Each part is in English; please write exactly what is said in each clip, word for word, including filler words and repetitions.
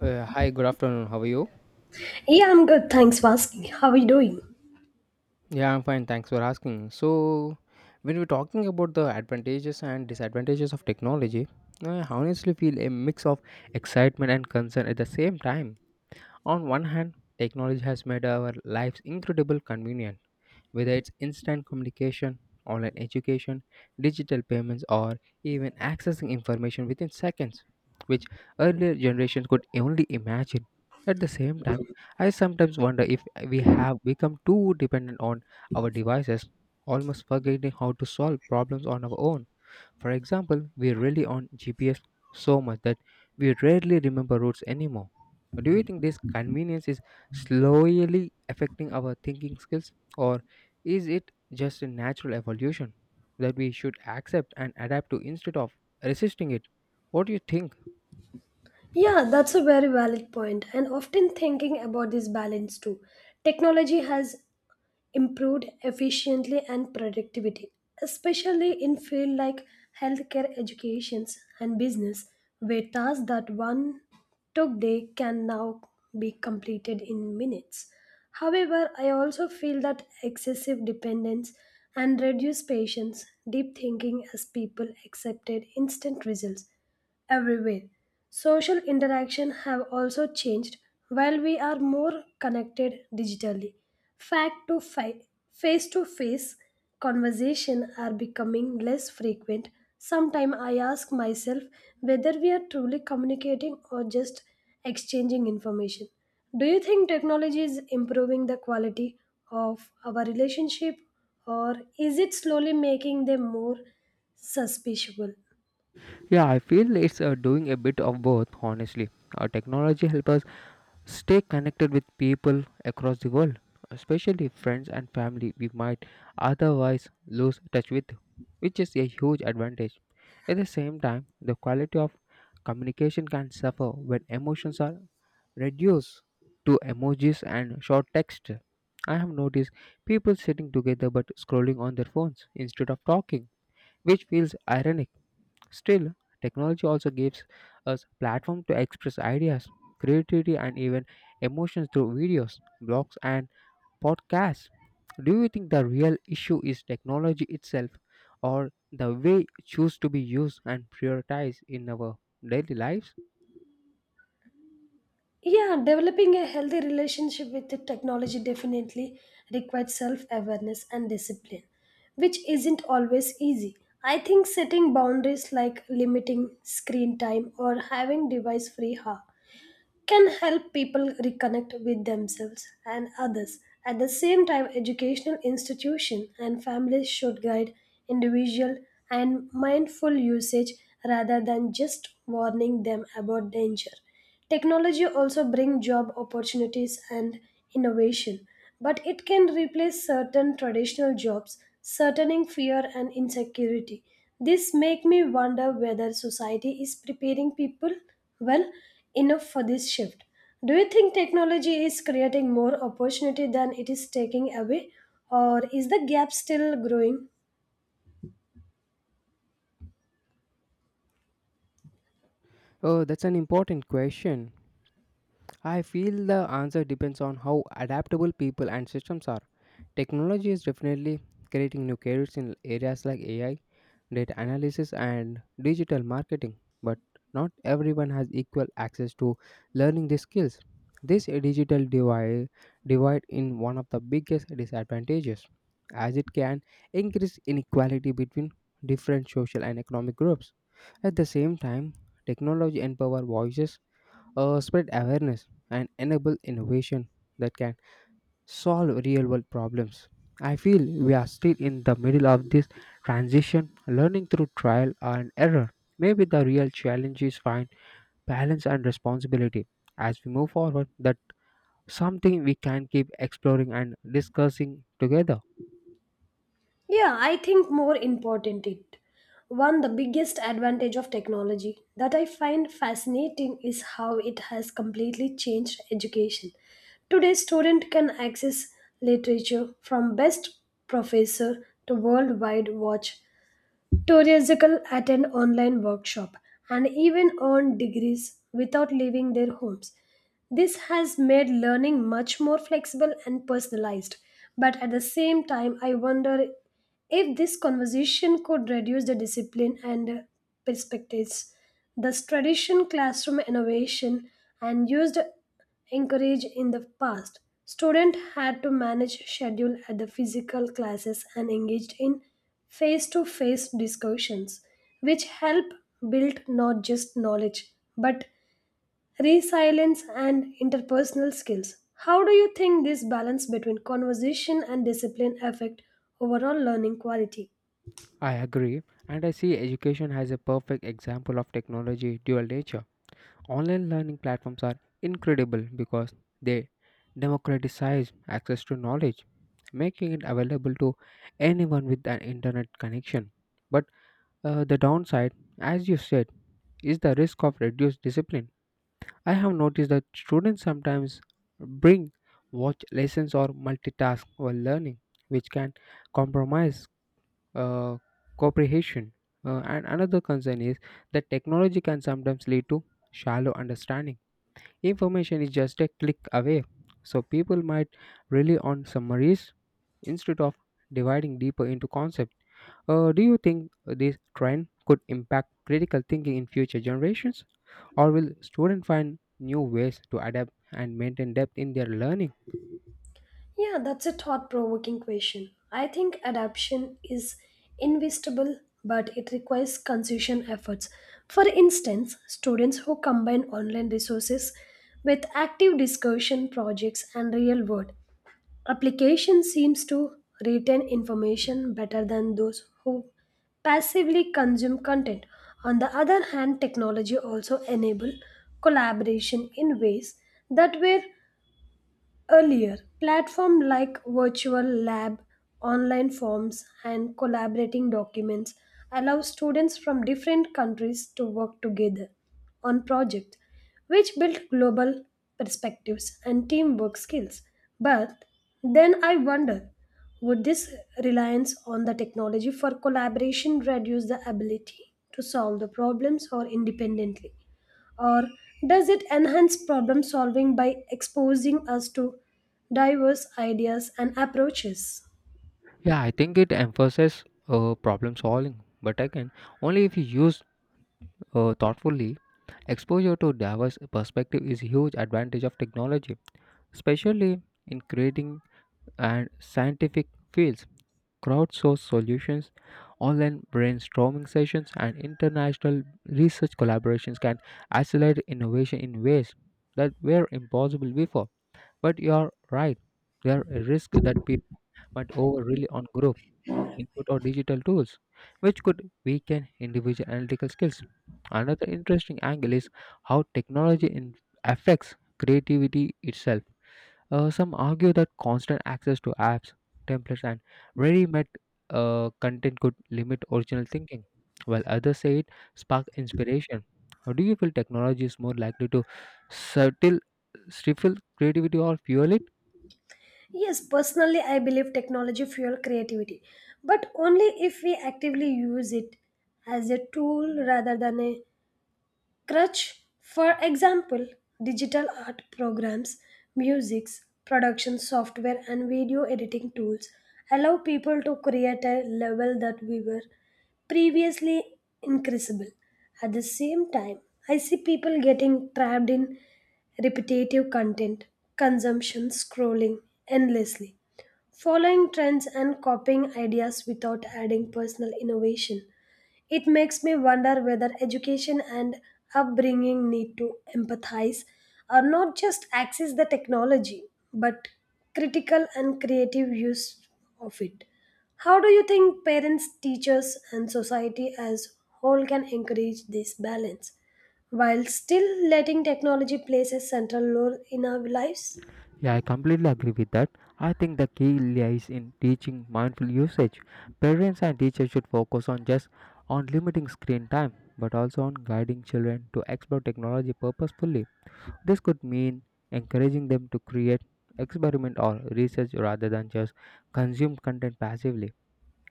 Uh, hi, good afternoon. How are you? Yeah, I'm good. Thanks for asking. How are you doing? Yeah, I'm fine. Thanks for asking. So, when we're talking about the advantages and disadvantages of technology, I honestly feel a mix of excitement and concern at the same time. On one hand, technology has made our lives incredibly convenient. Whether it's instant communication, online education, digital payments, or even accessing information within seconds, which earlier generations could only imagine. At the same time, I sometimes wonder if we have become too dependent on our devices, almost forgetting how to solve problems on our own. For example, we rely on G P S so much that we rarely remember routes anymore. Do you think this convenience is slowly affecting our thinking skills, or is it just a natural evolution that we should accept and adapt to instead of resisting it? What do you think? Yeah, that's a very valid point, and often thinking about this balance too. Technology has improved efficiently and productivity, especially in fields like healthcare, education, and business, where tasks that one took day can now be completed in minutes. However, I also feel that excessive dependence and reduced patience, deep thinking as people accepted instant results everywhere. Social interaction have also changed while we are more connected digitally. Fact to fi- Face to face conversation are becoming less frequent. Sometimes I ask myself whether we are truly communicating or just exchanging information. Do you think technology is improving the quality of our relationship or is it slowly making them more suspicious? Yeah, I feel it's uh, doing a bit of both, honestly. Uh, technology helps us stay connected with people across the world, especially friends and family we might otherwise lose touch with, which is a huge advantage. At the same time, the quality of communication can suffer when emotions are reduced to emojis and short text. I have noticed people sitting together but scrolling on their phones instead of talking, which feels ironic. Still, technology also gives us platform to express ideas, creativity and even emotions through videos, blogs and podcasts. Do you think the real issue is technology itself or the way it choose to be used and prioritized in our daily lives? Yeah, developing a healthy relationship with the technology definitely requires self awareness and discipline, which isn't always easy. I think setting boundaries like limiting screen time or having device free can help people reconnect with themselves and others. At the same time, educational institutions and families should guide individual and mindful usage rather than just warning them about danger. Technology also brings job opportunities and innovation, but it can replace certain traditional jobs, certain fear and insecurity. This make me wonder whether society is preparing people well enough for this shift. Do you think technology is creating more opportunity than it is taking away, or is the gap still growing? Oh, that's an important question. I feel the answer depends on how adaptable people and systems are. Technology is definitely creating new careers in areas like A I, data analysis and digital marketing, but not everyone has equal access to learning these skills. This digital divide, divide is one of the biggest disadvantages, as it can increase inequality between different social and economic groups. At the same time, technology empower voices, uh, spread awareness, and enable innovation that can solve real world problems. I feel we are still in the middle of this transition, learning through trial and error. Maybe the real challenge is find balance and responsibility as we move forward that something we can keep exploring and discussing together. Yeah, I think more important it. One, the biggest advantage of technology that I find fascinating is how it has completely changed education. Today, student can access literature from best professor to worldwide watch Tourism attend online workshop and even earn degrees without leaving their homes. This has made learning much more flexible and personalized. But at the same time, I wonder if this conversation could reduce the discipline and perspectives. Thus, tradition, classroom innovation, and used encouraged in the past. Students had to manage schedule at the physical classes and engaged in face-to-face discussions, which help build not just knowledge but resilience and interpersonal skills. How do you think this balance between conversation and discipline affect overall learning quality? I agree and I see education as a perfect example of technology dual nature. Online learning platforms are incredible because they democratize access to knowledge, making it available to anyone with an internet connection. But uh, the downside, as you said, is the risk of reduced discipline. I have noticed that students sometimes bring watch lessons or multitask while learning, which can compromise uh, comprehension. Uh, and another concern is that technology can sometimes lead to shallow understanding. Information is just a click away, so people might rely on summaries instead of dividing deeper into concepts. Uh, do you think this trend could impact critical thinking in future generations, or will students find new ways to adapt and maintain depth in their learning? Yeah, that's a thought provoking question. I think adaptation is invisible, but it requires consistent efforts. For instance, students who combine online resources with active discussion projects and real world application seems to retain information better than those who passively consume content. On the other hand, technology also enable collaboration in ways that were Earlier, platforms like Virtual Lab, online forms, and collaborating documents allow students from different countries to work together on projects, which build global perspectives and teamwork skills. But then I wonder would this reliance on the technology for collaboration reduce the ability to solve the problems or independently? Or does it enhance problem solving by exposing us to diverse ideas and approaches? Yeah, I think it emphasizes uh, problem solving, but again, only if you use uh, thoughtfully. Exposure to diverse perspective is a huge advantage of technology, especially in creating and scientific fields. Crowdsourced solutions, online brainstorming sessions, and international research collaborations can accelerate innovation in ways that were impossible before. But you are right, there are a risk that people might over rely on group input or digital tools, which could weaken individual analytical skills. Another interesting angle is how technology in- affects creativity itself. Uh, some argue that constant access to apps, templates, and ready made uh, content could limit original thinking, while others say it sparked inspiration. How do you feel technology is more likely to subtle stifle creativity or fuel it? Yes, personally, I believe technology fuel creativity, but only if we actively use it as a tool rather than a crutch for example digital art programs musics production software and video editing tools allow people to create a level that we were previously increasable at the same time I see people getting trapped in repetitive content consumption scrolling endlessly following trends and copying ideas without adding personal innovation it makes me wonder whether education and upbringing need to empathize or not just access the technology but critical and creative use of it. How do you think parents, teachers, and society as whole can encourage this balance while still letting technology play a central role in our lives? Yeah, I completely agree with that. I think the key lies in teaching mindful usage. Parents and teachers should focus on just on limiting screen time, but also on guiding children to explore technology purposefully. This could mean encouraging them to create, experiment, or research rather than just consume content passively.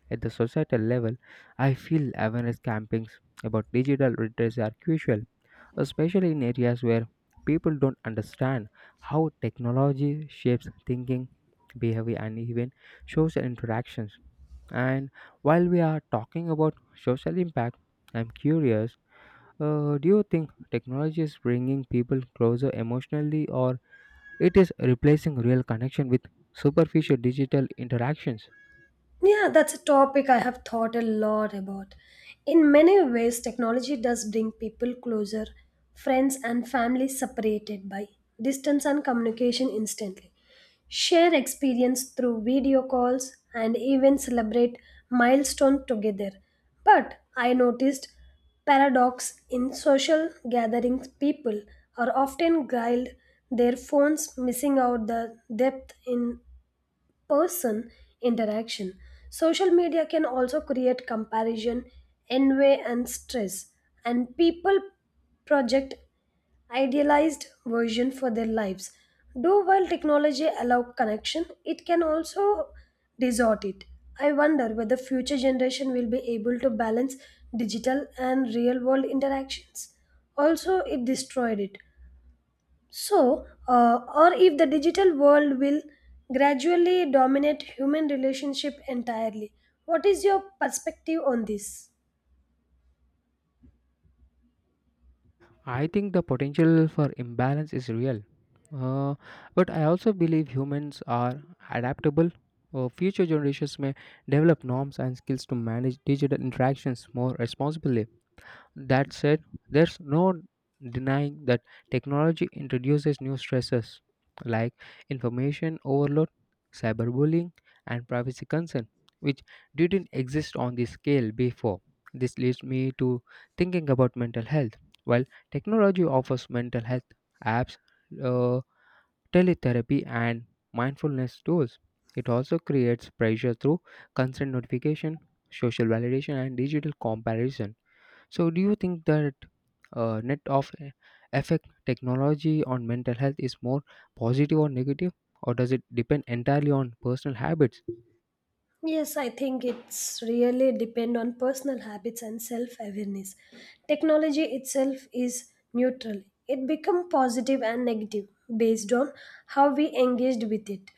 At the societal level, I feel awareness campaigns about digital literacy are crucial, especially in areas where people don't understand how technology shapes thinking, behavior, and even social interactions. And while we are talking about social impact, I'm curious. Uh, do you think technology is bringing people closer emotionally or it is replacing real connection with superficial digital interactions? Yeah, that's a topic I have thought a lot about. In many ways, technology does bring people closer, friends and family separated by distance and communication instantly. Share experience through video calls and even celebrate milestone together. But I noticed paradox in social gatherings people are often grilled their phones missing out the depth in person interaction. Social media can also create comparison, envy, and stress, and people project idealized version for their lives. Though while technology allow connection, it can also distort it. I wonder whether future generation will be able to balance digital and real world interactions. Also, it destroyed it. So, uh, or if the digital world will gradually dominate human relationship entirely. What is your perspective on this? I think the potential for imbalance is real. Uh, but I also believe humans are adaptable. Uh, future generations may develop norms and skills to manage digital interactions more responsibly. That said, there's no denying that technology introduces new stresses like information overload, cyberbullying, and privacy concern, which didn't exist on this scale before. This leads me to thinking about mental health. While technology offers mental health apps, uh, teletherapy, and mindfulness tools, it also creates pressure through constant notification, social validation, and digital comparison. So, do you think that uh, net of e- effect technology on mental health is more positive or negative, or does it depend entirely on personal habits? Yes, I think it's really depend on personal habits and self-awareness. Technology itself is neutral. It become positive and negative based on how we engaged with it.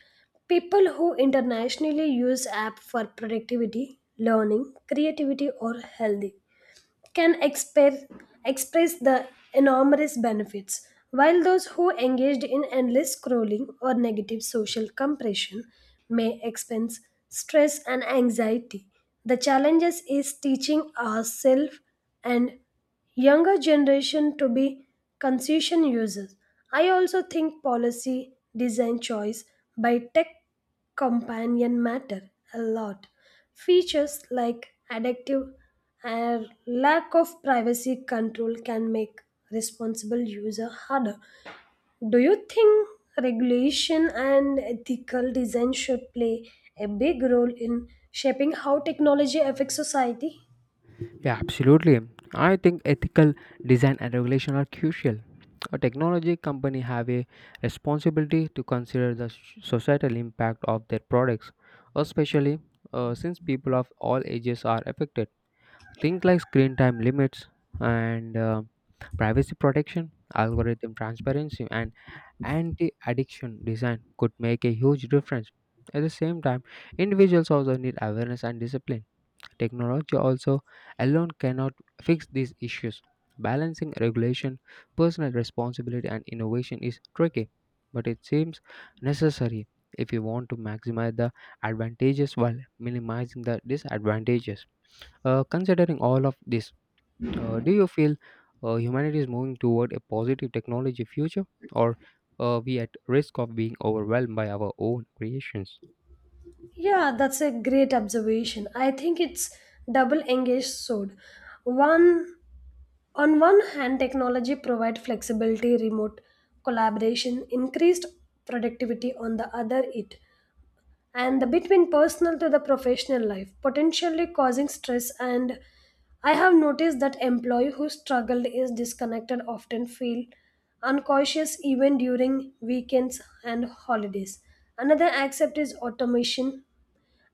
People who internationally use app for productivity, learning, creativity or healthy can express, express the enormous benefits, while those who engaged in endless scrolling or negative social compression may experience stress and anxiety. The challenges is teaching ourselves and younger generation to be conscious users. I also think policy design choice by tech companion matter a lot. Features like addictive and lack of privacy control can make responsible user harder. Do you think regulation and ethical design should play a big role in shaping how technology affects society? Yeah, absolutely. I think ethical design and regulation are crucial. A technology company have a responsibility to consider the s- societal impact of their products, especially uh, since people of all ages are affected. Things like screen time limits and uh, privacy protection, algorithm transparency, and anti addiction design could make a huge difference. At the same time, individuals also need awareness and discipline. Technology also alone cannot fix these issues. Balancing regulation, personal responsibility, and innovation is tricky, but it seems necessary if you want to maximize the advantages while minimizing the disadvantages. Uh, considering all of this, uh, do you feel uh, humanity is moving toward a positive technology future, or are we at risk of being overwhelmed by our own creations? Yeah, that's a great observation. I think it's double engaged sword. One On one hand, technology provides flexibility, remote collaboration, increased productivity. On the other, it and the between personal to the professional life, potentially causing stress. And I have noticed that employee who struggled is disconnected often feel unconscious even during weekends and holidays. Another aspect is automation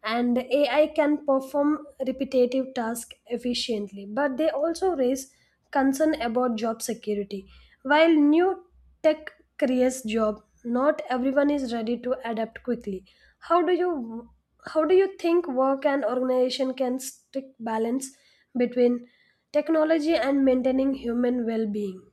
and A I can perform repetitive tasks efficiently, but they also raise concern about job security. While new tech creates job, not everyone is ready to adapt quickly. How do you how do you think work and organization can stick balance between technology and maintaining human well-being?